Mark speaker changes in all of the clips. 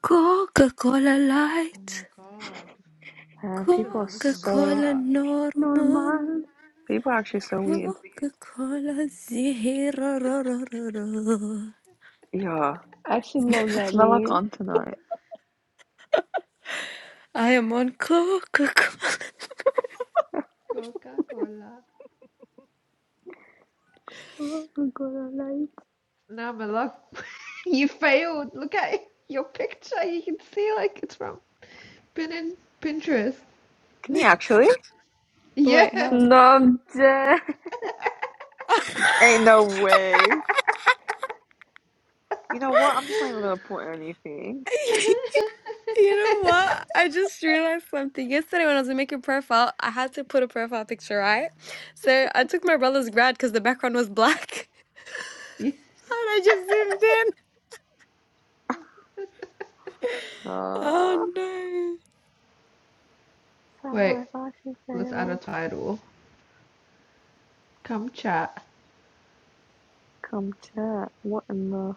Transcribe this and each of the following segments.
Speaker 1: Coca-Cola
Speaker 2: Oh my
Speaker 1: Light,
Speaker 2: God.
Speaker 3: Man,
Speaker 2: I should have
Speaker 3: people are
Speaker 2: done this from the
Speaker 3: so
Speaker 1: Coca-Cola
Speaker 2: start.
Speaker 1: Normal,
Speaker 4: Normal.
Speaker 3: people are actually so weird.
Speaker 1: Coca-Cola Zero. ro- ro- ro- ro.
Speaker 3: Yeah.
Speaker 4: I actually love that
Speaker 3: What's Veloc
Speaker 4: meme.
Speaker 3: on tonight?
Speaker 1: I am on Coca-Cola.
Speaker 2: Coca-Cola.
Speaker 4: Oh my god, I like.
Speaker 2: Now my luck. You failed. Look at your picture. You can see like it's from pin in Pinterest.
Speaker 3: Can you actually?
Speaker 2: Yeah.
Speaker 1: Wait, how?
Speaker 4: No, I'm dead.
Speaker 3: Ain't no way. You know what? I'm just not even gonna put anything.
Speaker 1: You know what? I just realized something. Yesterday, when I was making profile, I had to put a profile picture, right? So I took my brother's grad because the background was black,
Speaker 2: Yeah.
Speaker 1: and I just zoomed in.
Speaker 3: Uh
Speaker 1: Oh no!
Speaker 3: Fab
Speaker 2: Wait,
Speaker 3: Life actually
Speaker 2: let's add a
Speaker 3: failed.
Speaker 2: title. Come chat.
Speaker 3: Come chat. What in the Oh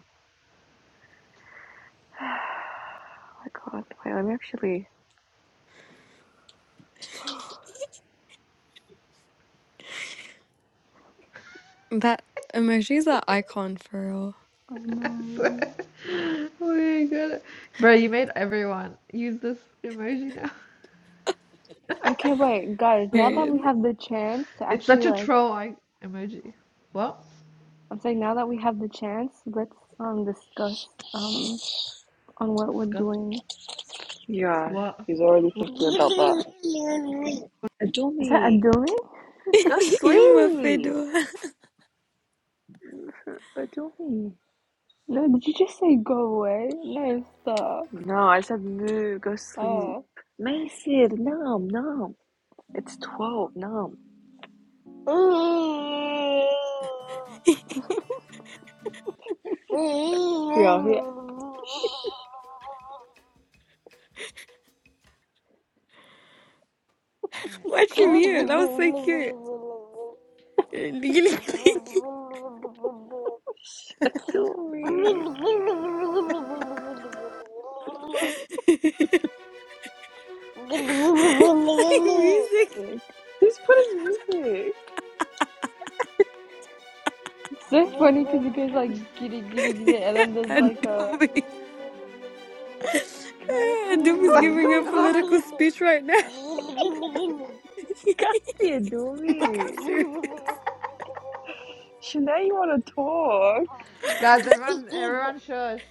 Speaker 3: my god. Wait, let me actually
Speaker 1: That emojis are icon for real.
Speaker 4: I
Speaker 2: I
Speaker 4: know.
Speaker 2: swear. Oh my God. Bro, you made everyone use this emoji now.
Speaker 4: Okay, wait, guys. Now that we
Speaker 1: Period.
Speaker 4: have the chance to
Speaker 2: It's
Speaker 4: actually
Speaker 2: such a
Speaker 4: like,
Speaker 2: troll like emoji. What?
Speaker 4: I'm saying now that we have the chance, let's um discuss um on what we're
Speaker 2: Discuss.
Speaker 4: doing.
Speaker 3: Yeah,
Speaker 2: What?
Speaker 3: he's already
Speaker 2: What?
Speaker 3: thinking about that.
Speaker 4: Is that a
Speaker 3: Adumi,
Speaker 4: doing?
Speaker 3: go
Speaker 1: Ima
Speaker 3: sleep.
Speaker 1: Fedora.
Speaker 3: Adumi.
Speaker 4: No, did you just say go away? No, stop.
Speaker 3: No, I said moo, go sleep.
Speaker 4: Oh,
Speaker 3: Mason, nom, nom. It's 12, nom. Yeah, he,
Speaker 2: Wait.
Speaker 1: Watch him
Speaker 3: Dory.
Speaker 1: here. That was so cute. Music.
Speaker 4: sick.
Speaker 3: He's putting music.
Speaker 4: it's so funny because it goes like giddy giddy giddy, and then there's like a
Speaker 3: Coffee,
Speaker 4: one
Speaker 1: Adum is Adum is
Speaker 2: What's
Speaker 1: giving a
Speaker 2: going on?
Speaker 1: political speech right now.
Speaker 3: coffee. Kathy and
Speaker 1: Look how
Speaker 3: Doomy.
Speaker 1: serious.
Speaker 3: Shanae, you want to talk?
Speaker 2: Guys, everyone, everyone, shush.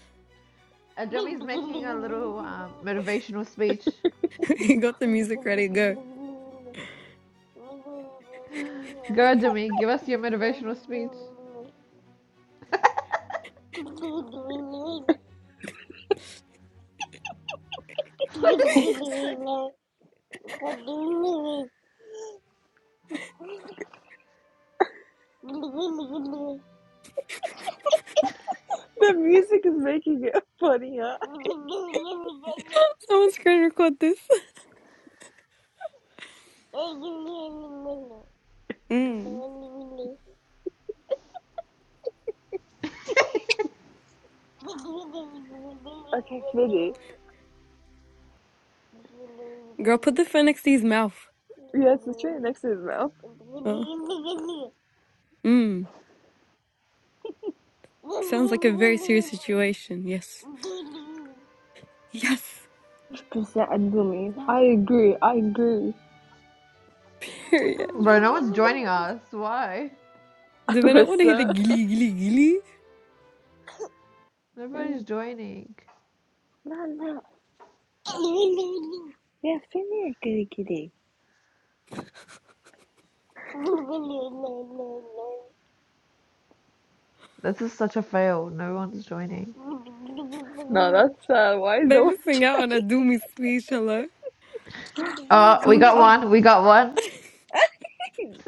Speaker 2: Adumi's making a little um, motivational speech.
Speaker 1: he got the music ready. Go.
Speaker 2: Go, Adumi, give us your motivational speech. what does he say?
Speaker 3: The music is making it funny, huh?
Speaker 1: Someone screen record this. Mm.
Speaker 3: Okay, Vinny.
Speaker 1: Girl, put the phone next to his mouth.
Speaker 3: Yes, it's right next to his mouth.
Speaker 1: Oh. Mm. Sounds like a very serious situation. Yes. Yes.
Speaker 4: hundred percent Adumi. I agree. I agree.
Speaker 1: Here
Speaker 2: Bro, no one's joining us. Why?
Speaker 1: Do they not want
Speaker 3: What's
Speaker 1: to hear the
Speaker 3: up?
Speaker 1: gilly gilly gilly?
Speaker 3: Hey,
Speaker 2: Nobody's joining.
Speaker 3: No, no. Yeah, Finny, kitty kitty. No,
Speaker 2: This is such a fail. No one's joining.
Speaker 3: that's uh, why is
Speaker 1: They're
Speaker 3: the one?
Speaker 1: missing out on a Doomy speech. Hello.
Speaker 2: Oh, we
Speaker 4: Someone
Speaker 2: got
Speaker 3: Oh,
Speaker 4: came.
Speaker 2: one. We got one.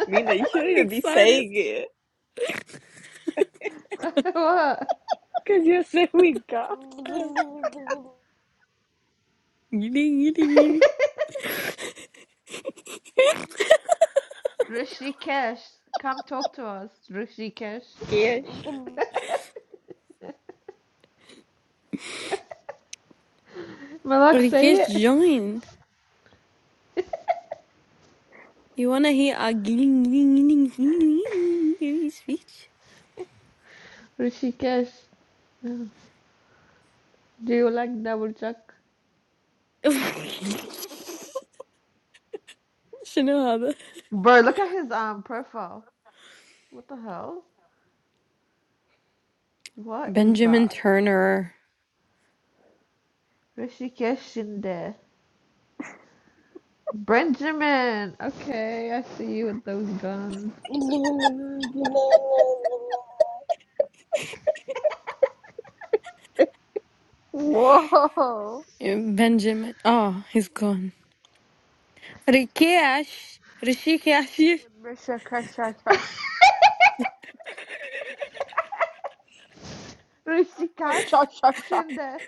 Speaker 3: Mina, you
Speaker 1: Why are
Speaker 3: shouldn't
Speaker 1: we
Speaker 3: even be
Speaker 1: excited?
Speaker 3: saying it.
Speaker 2: what?
Speaker 3: Because you're saying we got.
Speaker 1: Gidding, gidding, gidding.
Speaker 2: Rishikesh. Come talk to us. Rishikesh.
Speaker 3: Yes. No,
Speaker 1: Or
Speaker 2: Malak,
Speaker 1: you can
Speaker 2: say it.
Speaker 1: join. You wanna hear a gidding, gidding, gidding, gidding, gidding speech?
Speaker 2: Rishikesh. Do you like double check?
Speaker 1: شنو هذا؟
Speaker 2: Bro, look at his um profile. What the hell? What is
Speaker 1: Benjamin
Speaker 2: that?
Speaker 1: Turner.
Speaker 2: Rishikesh Shinde. Benjamin. Okay, I see you with those guns.
Speaker 4: Whoa!
Speaker 1: Uh, Benjamin. Oh, he's gone. Rikesh. Rishikesh.
Speaker 4: With Risha Karshash.
Speaker 2: Rishikesh
Speaker 4: Rakashashasha.
Speaker 2: Shinde.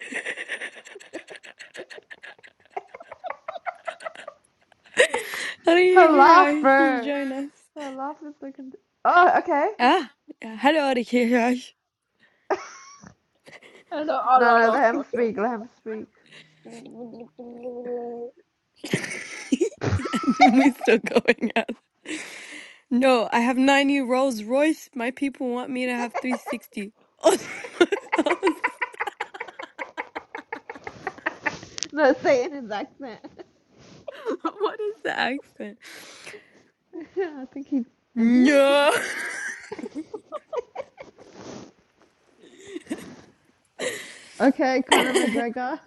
Speaker 2: Her laugh,
Speaker 1: Rishikesh
Speaker 2: bro.
Speaker 1: join us.
Speaker 2: Her laugh is like. a- Oh, okay.
Speaker 1: Ah, yeah. hello Rikesh.
Speaker 4: And a
Speaker 2: No, no,
Speaker 4: lot
Speaker 2: let him
Speaker 4: of
Speaker 2: speak. Let him speak.
Speaker 1: and we're still going out. No, I have 90 Rolls Royce. My people want me to have 360. I was like,
Speaker 2: Let's say in his accent.
Speaker 1: what is the accent?
Speaker 2: I think he's Indian.
Speaker 1: No.
Speaker 2: Okay, Conor McGregor.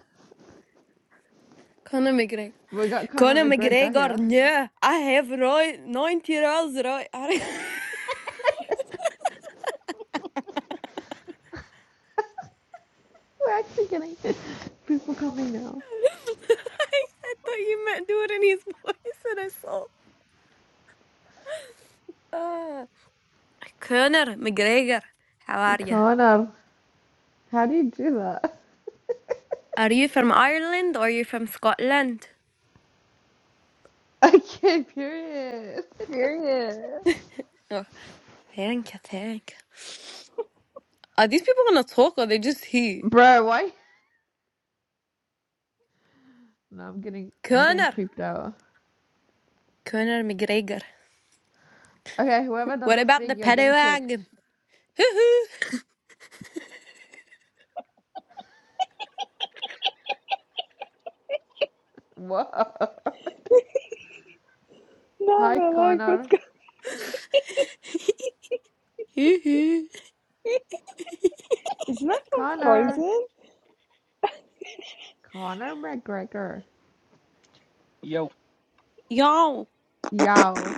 Speaker 1: Conor McGregor.
Speaker 2: We got Conor
Speaker 1: Conor
Speaker 2: McGregor
Speaker 1: McGregor,
Speaker 2: here.
Speaker 1: no. I have Roy 90 Rolls Royce. I
Speaker 2: We're actually getting people coming now.
Speaker 1: thought you meant do it in his voice and I saw. Uh, Conor McGregor, how are you?
Speaker 2: Conor, how do you do that?
Speaker 1: Are you from Ireland or are you from Scotland?
Speaker 2: Okay, period.
Speaker 4: Serious.
Speaker 1: Oh, thank you, thank you. Are these people gonna talk or they just here?
Speaker 2: Bro, why? No, I'm getting, I'm getting
Speaker 1: Conor.
Speaker 2: creeped out.
Speaker 1: Conor McGregor.
Speaker 2: Okay, whoever
Speaker 1: What
Speaker 2: doesn't
Speaker 1: about the
Speaker 2: speak, you're
Speaker 1: paddy
Speaker 2: getting kicked.
Speaker 1: wagon? Hoo-hoo.
Speaker 2: Whoa. Hi,
Speaker 3: Nava, like, what's
Speaker 2: Conor.
Speaker 3: going
Speaker 1: hoo hoo.
Speaker 3: Isn't that from
Speaker 2: Conor.
Speaker 3: Frozen?
Speaker 2: Conor McGregor.
Speaker 5: Yo,
Speaker 1: Yo,
Speaker 2: Yo.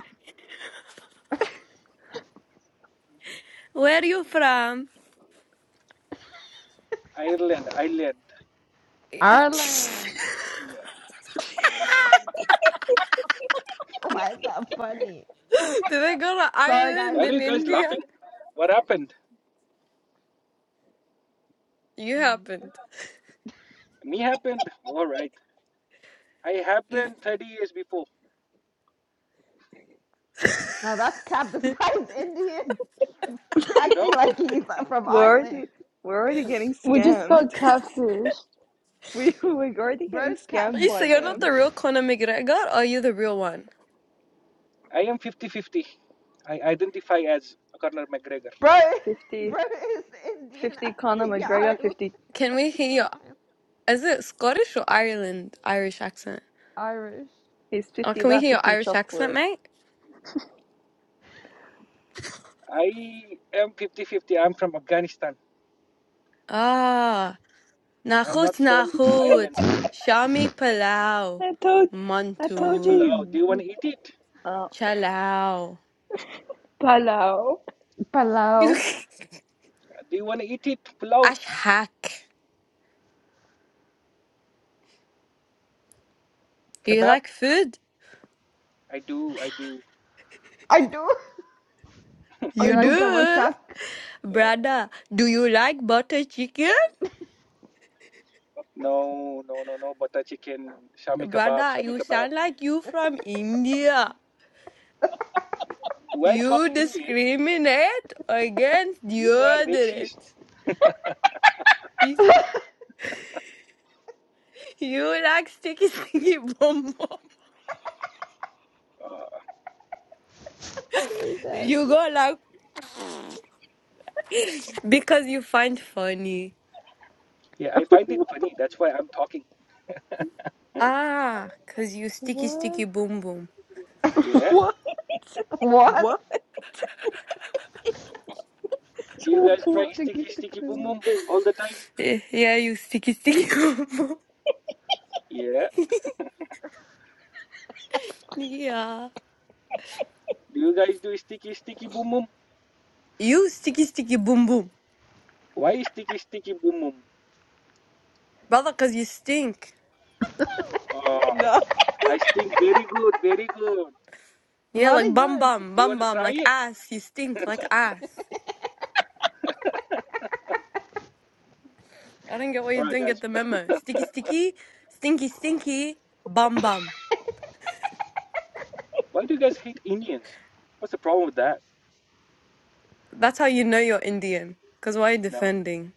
Speaker 1: Where are you from?
Speaker 5: Ireland, Ireland.
Speaker 1: Did
Speaker 2: Ireland.
Speaker 5: Yeah.
Speaker 2: Why is that funny?
Speaker 1: I go to
Speaker 2: Sorry, guys.
Speaker 1: Ireland
Speaker 5: Why are
Speaker 1: in
Speaker 5: you guys
Speaker 1: India?
Speaker 5: laughing? What happened?
Speaker 1: You
Speaker 2: Um,
Speaker 1: happened.
Speaker 5: Me happened? Alright. I
Speaker 1: You-
Speaker 5: happened 30 years before.
Speaker 2: No, that's cap. This guy's Indian,
Speaker 5: You know,
Speaker 2: acting like he's from
Speaker 3: We're already,
Speaker 2: Ireland.
Speaker 3: we're already getting
Speaker 4: We just
Speaker 3: scammed.
Speaker 4: got catfished.
Speaker 3: We, we're already getting
Speaker 2: Bro's
Speaker 3: scammed by
Speaker 1: Lisa, you're not
Speaker 3: them.
Speaker 2: catfishing.
Speaker 1: the real Conor McGregor, or are you the real one?
Speaker 5: I am 50 50. I identify as Conor McGregor.
Speaker 2: Bro,
Speaker 3: Fifty,
Speaker 2: bro is Indian,
Speaker 3: fifty, Conor
Speaker 2: acting yeah,
Speaker 3: McGregor,
Speaker 2: Ireland
Speaker 3: 50,
Speaker 1: Can we hear
Speaker 2: from
Speaker 1: your
Speaker 2: Ireland.
Speaker 1: is it Scottish or Ireland Irish accent?
Speaker 2: Irish.
Speaker 3: he's
Speaker 1: Oh,
Speaker 3: 50
Speaker 1: can we
Speaker 3: that,
Speaker 1: hear your
Speaker 3: 50
Speaker 1: Irish accent,
Speaker 3: chocolate.
Speaker 1: mate?
Speaker 5: I am 50 50. I'm from Afghanistan.
Speaker 1: Ah,
Speaker 5: I'm
Speaker 1: nakhut
Speaker 5: not from Ireland.
Speaker 1: nakhut, shami palau,
Speaker 3: I told, I
Speaker 5: Shami
Speaker 3: told
Speaker 1: mantu.
Speaker 5: Pulao.
Speaker 3: you.
Speaker 5: Do you want
Speaker 3: he'd-
Speaker 5: to eat it?
Speaker 3: Oh.
Speaker 1: Chalao,
Speaker 4: Palau.
Speaker 2: Palau.
Speaker 5: Do you want to eat it? Pulao.
Speaker 1: Ashak. Do you
Speaker 5: Kebab?
Speaker 1: like food?
Speaker 5: I do, I do.
Speaker 2: I do. Do
Speaker 4: I
Speaker 2: you
Speaker 1: You
Speaker 2: like
Speaker 4: know.
Speaker 2: double
Speaker 1: do?
Speaker 2: chuck?
Speaker 5: Yeah.
Speaker 1: Brother, do you like butter chicken?
Speaker 5: No, no, no, no. Butter chicken. Shami kebab.
Speaker 1: Brother,
Speaker 5: Shami
Speaker 1: you
Speaker 5: kebab.
Speaker 1: sound like you from India.
Speaker 5: Do I talk
Speaker 1: You
Speaker 5: Indian?
Speaker 1: discriminate against
Speaker 5: You are
Speaker 1: deodorant.
Speaker 5: racist.
Speaker 1: You, you like sticky sticky bomb bomb.
Speaker 5: Uh,
Speaker 2: I hate that.
Speaker 1: You go like because you find funny.
Speaker 5: yeah, I find it funny. That's why I'm talking.
Speaker 1: Ah, cause you sticky
Speaker 3: What?
Speaker 1: sticky boom boom.
Speaker 5: Yeah.
Speaker 3: What?
Speaker 2: What?
Speaker 3: What?
Speaker 5: Do you guys try
Speaker 3: What?
Speaker 2: Sticky
Speaker 5: sticky, sticky, boom,
Speaker 2: sticky.
Speaker 5: boom all the time?
Speaker 1: Eh, Yeah, you sticky sticky boom boom.
Speaker 5: Yeah.
Speaker 1: Yeah.
Speaker 5: Do you guys do sticky, sticky, boom, boom?
Speaker 1: You sticky sticky boom boom.
Speaker 5: Why sticky, sticky, boom, boom?
Speaker 1: Brother, cause you stink.
Speaker 5: Oh,
Speaker 3: No.
Speaker 5: I think very good, very good.
Speaker 1: Yeah, like
Speaker 2: Very
Speaker 1: bum
Speaker 2: good.
Speaker 1: bum,
Speaker 5: Do you
Speaker 1: bum
Speaker 5: want to
Speaker 1: bum,
Speaker 5: try
Speaker 1: like
Speaker 5: it?
Speaker 1: ass. You stink like ass. I don't get why you
Speaker 5: All right,
Speaker 1: don't get
Speaker 5: guys.
Speaker 1: the memo. Sticky sticky, stinky stinky, bum bum.
Speaker 5: Why do you guys hate Indians? What's the problem with that?
Speaker 1: That's how you know you're Indian. Cause why are you
Speaker 5: No,
Speaker 1: defending?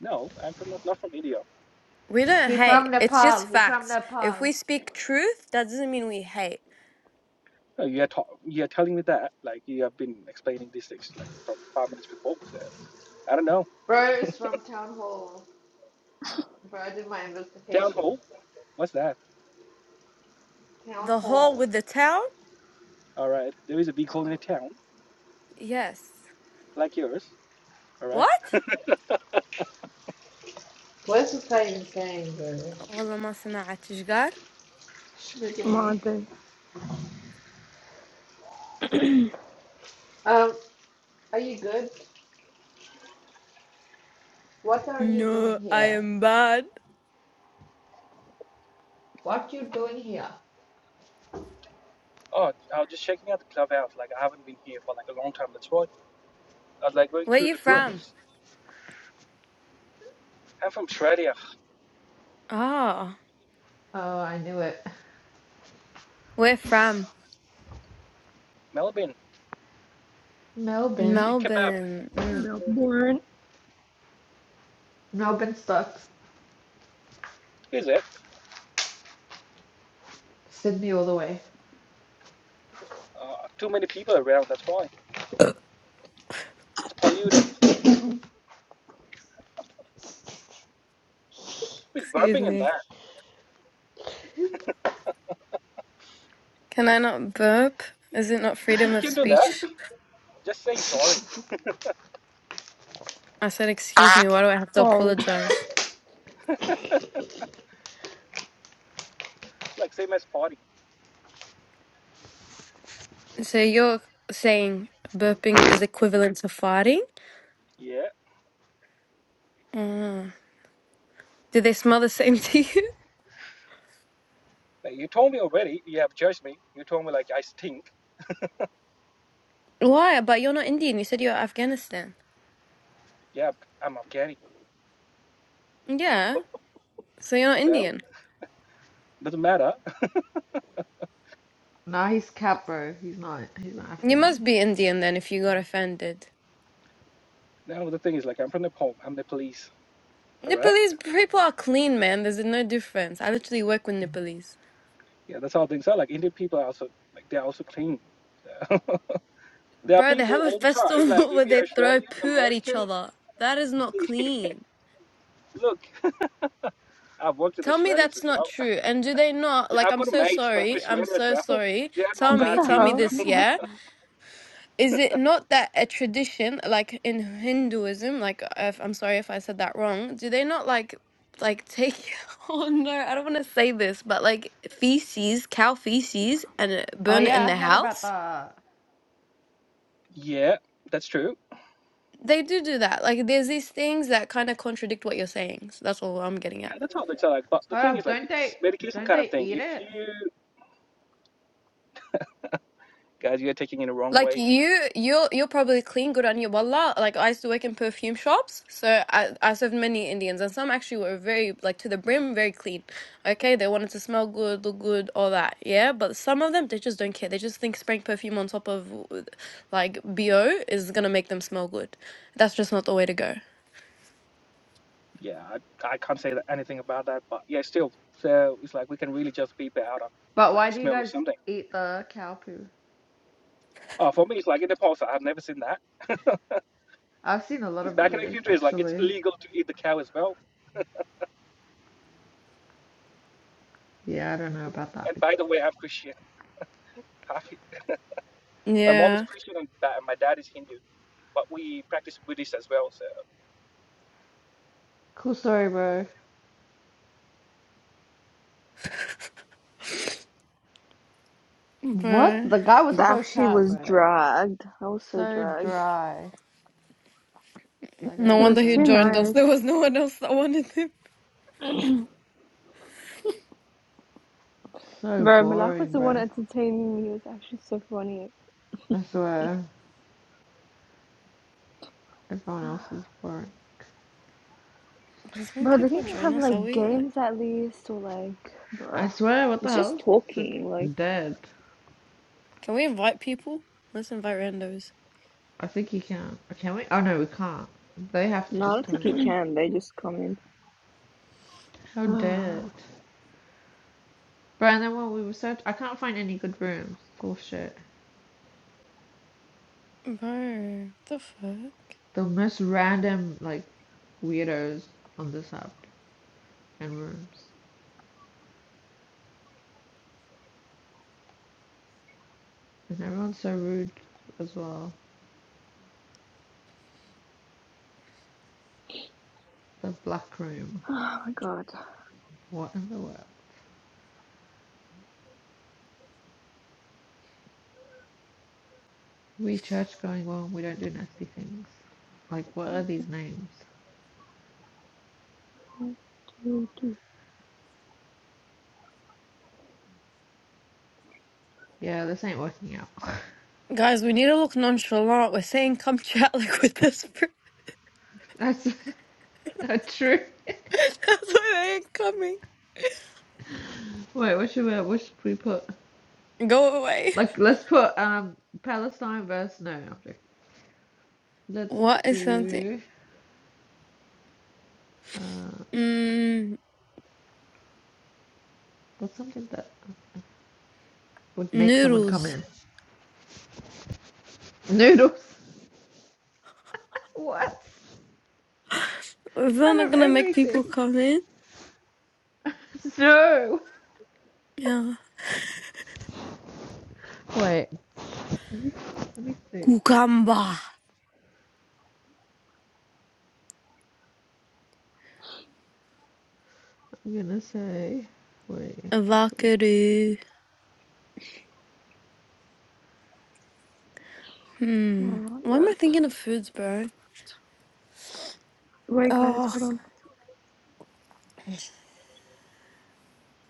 Speaker 5: no, I'm from not, not from India.
Speaker 1: We don't
Speaker 2: He
Speaker 1: hate.
Speaker 2: from
Speaker 1: It's
Speaker 2: Nepal.
Speaker 1: just
Speaker 2: He from
Speaker 1: facts. If
Speaker 2: Nepal.
Speaker 1: we speak truth, that doesn't mean we hate.
Speaker 5: No, you are ta- you are telling me that like you have been explaining these things like from five minutes before. So I don't know.
Speaker 2: Bro is from Town Hall. Bro, I did my
Speaker 5: Town
Speaker 2: investigation.
Speaker 5: hall? What's that?
Speaker 2: Town
Speaker 1: The whole
Speaker 2: Hall.
Speaker 1: with the town?
Speaker 5: All right. There is a big hole in a town
Speaker 1: Yes.
Speaker 5: like yours. All right.
Speaker 1: What?
Speaker 2: What is this guy even saying, bro?
Speaker 1: والله ما سمعت ايش قال.
Speaker 2: Okay.
Speaker 4: mother.
Speaker 2: Um, are you good? What are you doing
Speaker 1: No, I
Speaker 2: here?
Speaker 1: am bad.
Speaker 2: What you doing here?
Speaker 5: Oh, I was just checking out the clubhouse. Like I haven't been here for like a long time. That's why I was like going
Speaker 1: Where
Speaker 5: through
Speaker 1: you
Speaker 5: the
Speaker 1: from?
Speaker 5: rooms. I'm from Australia,
Speaker 1: Ah.
Speaker 2: Oh, I knew it.
Speaker 1: Where from?
Speaker 5: Melbourne.
Speaker 2: Melbourne.
Speaker 5: See kebab,
Speaker 1: Melbourne. Mm,
Speaker 4: Melbourne.
Speaker 2: Melbourne sucks.
Speaker 5: is it?
Speaker 2: Sydney all the way.
Speaker 5: Uh, too many people around. That's why it's polluted. Who's
Speaker 1: excuse
Speaker 5: burping in
Speaker 1: me.
Speaker 5: that?
Speaker 1: Can I not burp? Is it not
Speaker 5: Uh,
Speaker 1: freedom
Speaker 5: you
Speaker 1: of
Speaker 5: can do that.
Speaker 1: speech?
Speaker 5: Just say sorry.
Speaker 1: I said, excuse me, why do I have to
Speaker 4: Sorry.
Speaker 1: apologize?
Speaker 5: It's like same as farting.
Speaker 1: So you're saying burping is equivalent to farting?
Speaker 5: Yeah.
Speaker 1: Mm. Do they smell the same to you?
Speaker 5: But you told me already. You have judged me. You told me like I stink.
Speaker 1: Why? But you're not Indian. You said you're Afghanistan.
Speaker 5: Yeah, I'm Afghani.
Speaker 1: Yeah. So you're not
Speaker 5: So
Speaker 1: Indian.
Speaker 5: doesn't matter.
Speaker 2: Nah, he's cat, bro. He's not. He's not
Speaker 1: You
Speaker 2: African.
Speaker 1: must be Indian then if you got offended.
Speaker 5: Now the thing is, like, I'm from Nepal. I'm Nepalese. All right.
Speaker 1: Nepalese people are clean, man. There's no difference. I literally work with Nepalese.
Speaker 5: Yeah, that's how things are. Like Indian people are also like they're also clean. there are
Speaker 1: Bro, they
Speaker 5: people
Speaker 1: have a
Speaker 5: all the time. Like
Speaker 1: festival
Speaker 5: if
Speaker 1: where
Speaker 5: you're
Speaker 1: they throw
Speaker 5: Australian,
Speaker 1: poo at each
Speaker 5: American,
Speaker 1: other. That is not
Speaker 5: see,
Speaker 1: clean.
Speaker 5: look, I've worked with
Speaker 1: Tell me
Speaker 5: Australians
Speaker 1: that's
Speaker 5: as
Speaker 1: not
Speaker 5: well.
Speaker 1: true. And do they not?
Speaker 5: Yeah,
Speaker 1: Like,
Speaker 5: I've
Speaker 1: I'm
Speaker 5: got
Speaker 1: so
Speaker 5: mates from
Speaker 1: sorry. I'm
Speaker 5: Australia as
Speaker 1: so
Speaker 5: well.
Speaker 1: sorry.
Speaker 5: They are
Speaker 1: Tell
Speaker 5: not
Speaker 4: What
Speaker 1: me,
Speaker 5: that
Speaker 4: the
Speaker 1: tell
Speaker 5: clean
Speaker 1: me
Speaker 5: as
Speaker 4: hell?
Speaker 5: well.
Speaker 1: this, yeah? Is it not that a tradition, like in Hinduism, like, if, I'm sorry if I said that wrong, do they not, like, like take, oh no, I don't want to say this, but like feces, cow feces, and uh,
Speaker 2: Oh
Speaker 1: burn it in
Speaker 2: yeah,
Speaker 1: the
Speaker 2: I heard about
Speaker 1: house?
Speaker 2: the.
Speaker 5: yeah, that's true.
Speaker 1: They do do that. Like, there's these things that kind of contradict what you're saying. So that's all I'm getting at.
Speaker 5: Yeah, that's how things are. Like, but the thing
Speaker 2: Hold up,
Speaker 5: is, like,
Speaker 2: don't they?
Speaker 5: it's medication
Speaker 2: Don't
Speaker 5: kind of
Speaker 2: they
Speaker 5: thing.
Speaker 2: eat
Speaker 5: If
Speaker 2: it?
Speaker 5: you guys, you're taking it the wrong
Speaker 1: Like
Speaker 5: way.
Speaker 1: you, you're you're probably clean, good on you. Wallah, like I used to work in perfume shops, so I I served many Indians, and some actually were very like to the brim, very clean. Okay, they wanted to smell good, look good, all that. Yeah, but some of them they just don't care. They just think spraying perfume on top of uh, like bo is gonna make them smell good. That's just not the way to go.
Speaker 5: Yeah, I, I can't say that, anything about that. But yeah, still, so it's like we can really just beep it out of
Speaker 2: But why
Speaker 5: like
Speaker 2: do you
Speaker 5: smell or
Speaker 2: guys
Speaker 5: something.
Speaker 2: eat the cow poo?
Speaker 5: Uh, for me, it's like in Nepal, so I've never seen that.
Speaker 2: I've seen a lot
Speaker 5: Because
Speaker 2: of
Speaker 5: back in the
Speaker 2: videos
Speaker 5: country, it's like it's
Speaker 2: actually.
Speaker 5: illegal to eat the cow as well.
Speaker 2: Yeah, I don't know about that.
Speaker 5: And by the way, I'm Christian. My mom is
Speaker 1: Yeah,
Speaker 5: Christian and da- my dad is Hindu, but we practice Buddhist as well. So
Speaker 2: Cool story, bro. What?
Speaker 1: bro.
Speaker 2: The guy was
Speaker 3: That
Speaker 2: so
Speaker 3: she
Speaker 2: cat,
Speaker 3: was
Speaker 2: bro.
Speaker 3: dragged. I was so
Speaker 2: So
Speaker 3: dragged.
Speaker 2: dry. That guy
Speaker 1: No
Speaker 4: It
Speaker 2: was
Speaker 1: wonder
Speaker 4: was
Speaker 1: he
Speaker 2: so
Speaker 4: too
Speaker 2: dry.
Speaker 1: joined us.
Speaker 4: nice.
Speaker 1: There was no one else that wanted him.
Speaker 2: So
Speaker 4: Bro, Malak was
Speaker 2: boring,
Speaker 4: the one
Speaker 2: bro.
Speaker 4: entertaining me. It was actually so funny.
Speaker 2: I swear. Everyone else is boring.
Speaker 1: Can some
Speaker 4: Bro, they
Speaker 1: people
Speaker 4: didn't
Speaker 1: join
Speaker 4: have
Speaker 1: us? Are
Speaker 4: like
Speaker 1: we like?
Speaker 4: games at least, or like,
Speaker 2: I
Speaker 4: bruh.
Speaker 2: swear, what the
Speaker 3: It's just
Speaker 2: hell? So
Speaker 3: talking. Like,
Speaker 2: dead.
Speaker 1: Can we invite people? Let's invite randos.
Speaker 2: I think you can. not Can we? Oh no, we can't. They have to
Speaker 3: no, I
Speaker 2: just
Speaker 3: don't think
Speaker 2: come
Speaker 3: he
Speaker 2: in.
Speaker 3: can. They just come in.
Speaker 2: How
Speaker 3: oh
Speaker 2: dead. Bro, and then when we were search, I can't find any good rooms. Bullshit.
Speaker 1: Bro, what the fuck?
Speaker 2: The most random, like, weirdos on this app and rooms. And everyone's so rude as well. The black room.
Speaker 3: my god.
Speaker 2: What in the world? We church going on, we don't do nasty things. Like, what are these names?
Speaker 3: One, two, three.
Speaker 2: Yeah, this ain't working out.
Speaker 1: Guys, we need to look nonchalant. We're saying come chat like with this. br-
Speaker 2: That's not true.
Speaker 1: That's why they ain't coming.
Speaker 2: Wait, what should we what should we put?
Speaker 1: Go away.
Speaker 2: Like, let's put um Palestine versus no. i Let's
Speaker 1: What is something?
Speaker 2: do uh
Speaker 1: Mm,
Speaker 2: what's something that would make someone come
Speaker 1: noodles.
Speaker 2: in? Noodles. What?
Speaker 1: Is that
Speaker 2: Out
Speaker 1: not
Speaker 2: of
Speaker 1: gonna make people
Speaker 2: everything.
Speaker 1: come in?
Speaker 2: No.
Speaker 1: Yeah.
Speaker 2: Wait. Let me, let me think.
Speaker 1: Cucumber.
Speaker 2: I'm gonna say. Wait. What should we?
Speaker 1: Vacaru.
Speaker 3: Oh
Speaker 1: Hmm.
Speaker 3: my
Speaker 1: Why am I
Speaker 3: god.
Speaker 1: thinking of foods, bro?
Speaker 4: Wait, guys,
Speaker 1: Oh.
Speaker 4: hold on.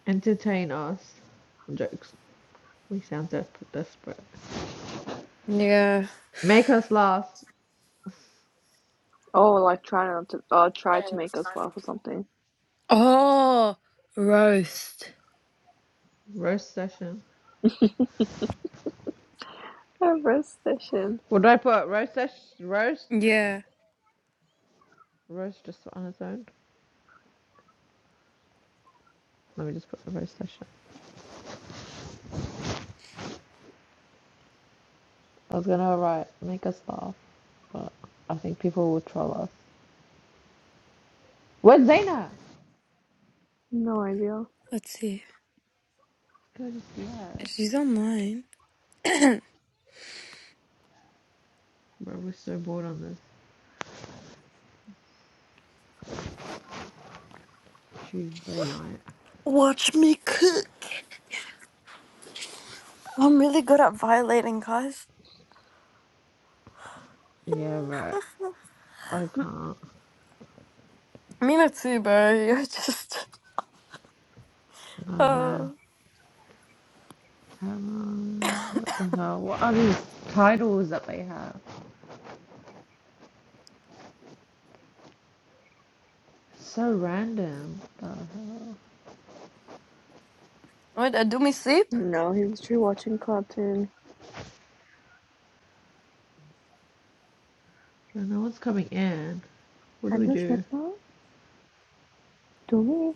Speaker 2: Entertain us. Jokes. We sound desperate. desperate.
Speaker 1: Yeah.
Speaker 2: Make us laugh.
Speaker 3: Oh, like try not to. Uh, try to make us laugh or something.
Speaker 1: Oh. Roast.
Speaker 2: Roast session.
Speaker 3: Everest session.
Speaker 2: What did I put? Roast session. Roast.
Speaker 1: Yeah.
Speaker 2: Roast just on its own. Let me just put the roast session. I was gonna write make us laugh, but I think people will troll us. Where's Zayna?
Speaker 3: No idea.
Speaker 1: Let's see.
Speaker 2: Go to see her.
Speaker 1: She's online.
Speaker 2: Bro, we're so bored on this Tuesday night.
Speaker 1: Watch me cook. I'm really good at violating guys.
Speaker 2: Yeah, bro. I can't.
Speaker 1: Mina too, bro. You're just.
Speaker 2: Oh man.
Speaker 1: Uh,
Speaker 2: Come on. What the hell? What are these titles that they have? So random. What The hell?
Speaker 1: wait, uh, do me sleep?
Speaker 3: No, he's literally watching cartoon.
Speaker 2: And no one's coming in. What do we
Speaker 3: Alush
Speaker 2: do?
Speaker 3: maintenant? Doomy?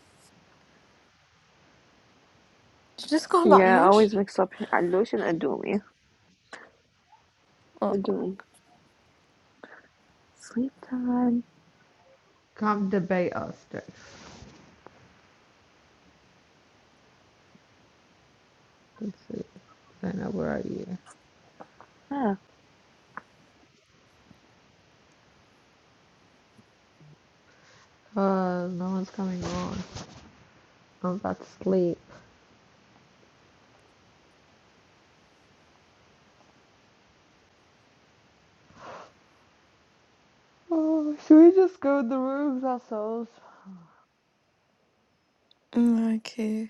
Speaker 1: Did you just call
Speaker 3: Yeah, I
Speaker 1: Malush?
Speaker 3: always mix up Alush and Adumi.
Speaker 1: Oh,
Speaker 3: Adoom. Sleep time.
Speaker 2: Come debate us, Dex. Let's see. Zena, where are you?
Speaker 3: Ah.
Speaker 2: Uh, no one's coming on. I'm about to sleep. Oh, should we just go in the rooms ourselves?
Speaker 1: mm, okay.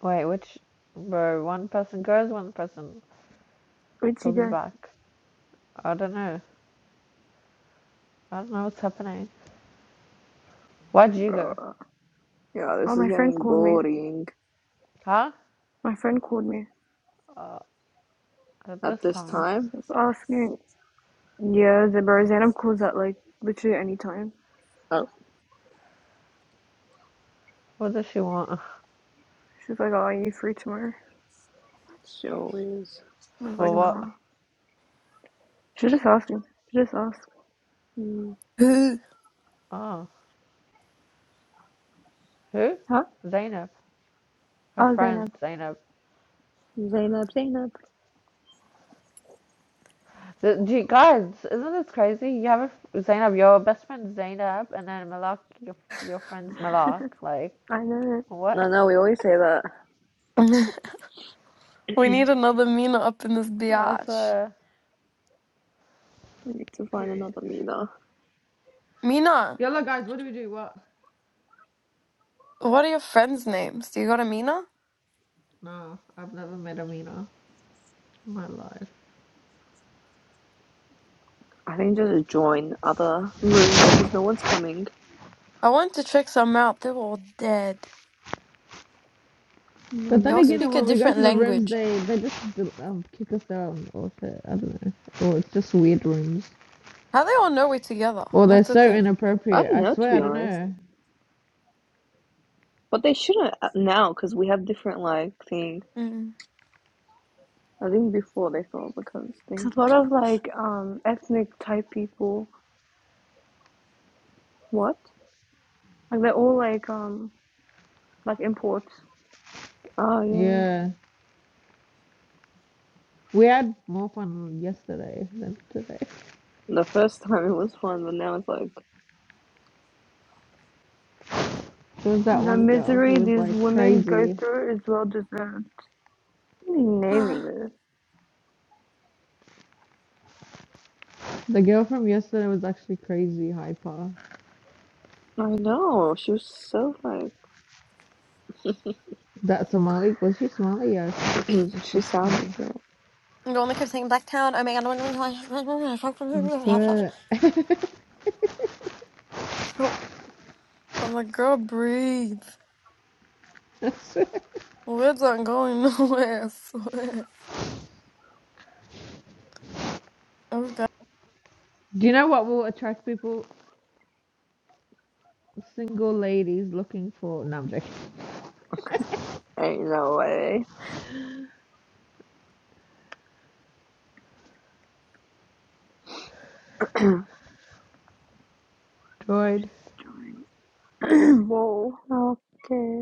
Speaker 2: Wait, which? Bro, one person goes, one person
Speaker 4: Where'd you
Speaker 2: comes
Speaker 4: go?
Speaker 2: back. I don't know. I don't know what's happening. Why'd you go?
Speaker 4: Bro.
Speaker 3: Yeah,
Speaker 4: Oh,
Speaker 3: this is
Speaker 4: my friend
Speaker 3: getting
Speaker 4: called me.
Speaker 3: boring
Speaker 2: Huh?
Speaker 4: My friend called me.
Speaker 2: Uh, at
Speaker 3: at
Speaker 2: this
Speaker 3: this
Speaker 2: time.
Speaker 3: time.
Speaker 4: She's asking, yeah, the Barzanum calls at like literally any time.
Speaker 3: Oh,
Speaker 2: What does she want?
Speaker 4: She's like, oh, are you free tomorrow?
Speaker 3: she always.
Speaker 4: I was like,
Speaker 2: For what?
Speaker 4: no. She's just asking. She just asked.
Speaker 3: Mm,
Speaker 2: Oh, who?
Speaker 4: Huh?
Speaker 2: Zainab. Her
Speaker 4: Oh,
Speaker 2: friend,
Speaker 4: Zainab.
Speaker 2: Zainab.
Speaker 3: Zainab, Zainab.
Speaker 2: So, gee, guys, isn't this crazy? You have a, Zainab, your best friend Zainab, and then Malak, your your friend's Malak. Like,
Speaker 4: I know.
Speaker 2: what?
Speaker 3: No, no, we always say that.
Speaker 1: we need another Mina up in this
Speaker 2: I
Speaker 1: biatch.
Speaker 2: swear.
Speaker 3: We need to find
Speaker 2: Period.
Speaker 3: another Mina.
Speaker 1: Mina,
Speaker 2: Yellow guys, what do we do? What?
Speaker 1: what are your friends' names? Do you got a Mina?
Speaker 2: No, I've never met Amina in my life.
Speaker 3: I think just join other rooms because no one's coming.
Speaker 1: I went to check some out. They are all dead.
Speaker 3: Oh
Speaker 2: But
Speaker 1: They
Speaker 3: my
Speaker 2: then
Speaker 1: all
Speaker 3: god.
Speaker 2: again,
Speaker 1: speak a
Speaker 2: when we go
Speaker 1: different
Speaker 2: to the rooms,
Speaker 1: language.
Speaker 2: they they just um, kick us out or shit. I don't know. Or it's just weird rooms.
Speaker 1: How they all know we're together?
Speaker 2: Or they're
Speaker 1: That's the
Speaker 2: so
Speaker 1: thing.
Speaker 3: I
Speaker 2: inappropriate.
Speaker 3: don't
Speaker 2: I
Speaker 3: know, to
Speaker 2: swear, I
Speaker 3: be
Speaker 2: don't
Speaker 3: honest.
Speaker 2: know.
Speaker 3: But they shouldn't uh, now because we have different, like, thing.
Speaker 1: Mm.
Speaker 3: I think before they thought because
Speaker 4: It's
Speaker 3: thing.
Speaker 4: a lot of like um ethnic type people.
Speaker 3: What?
Speaker 4: Like they're all like um like imports.
Speaker 3: Oh, yeah.
Speaker 2: Yeah, we had more fun yesterday than today.
Speaker 3: The first time it was fun, but now it's like.
Speaker 2: There was that
Speaker 4: The
Speaker 2: one girl who
Speaker 4: misery
Speaker 2: was
Speaker 4: these
Speaker 2: like
Speaker 4: women go
Speaker 2: crazy.
Speaker 4: through is well deserved. What are you naming
Speaker 1: the
Speaker 4: this?
Speaker 2: The girl from yesterday was actually crazy hyper.
Speaker 3: I know. She was so, like.
Speaker 2: That Somali was she Somali? Yes. I think
Speaker 3: she
Speaker 2: she's
Speaker 3: sounded it.
Speaker 1: one that kept saying Blacktown. Oh my god.
Speaker 2: swear.
Speaker 1: Oh, I'm like, girl, breathe.
Speaker 2: I swear.
Speaker 1: We're not going nowhere, I swear. Okay.
Speaker 2: Do you know what will attract people? Single ladies looking for. No, I'm joking.
Speaker 3: Ain't no way.
Speaker 2: Droid.
Speaker 4: Whoa.
Speaker 3: Okay.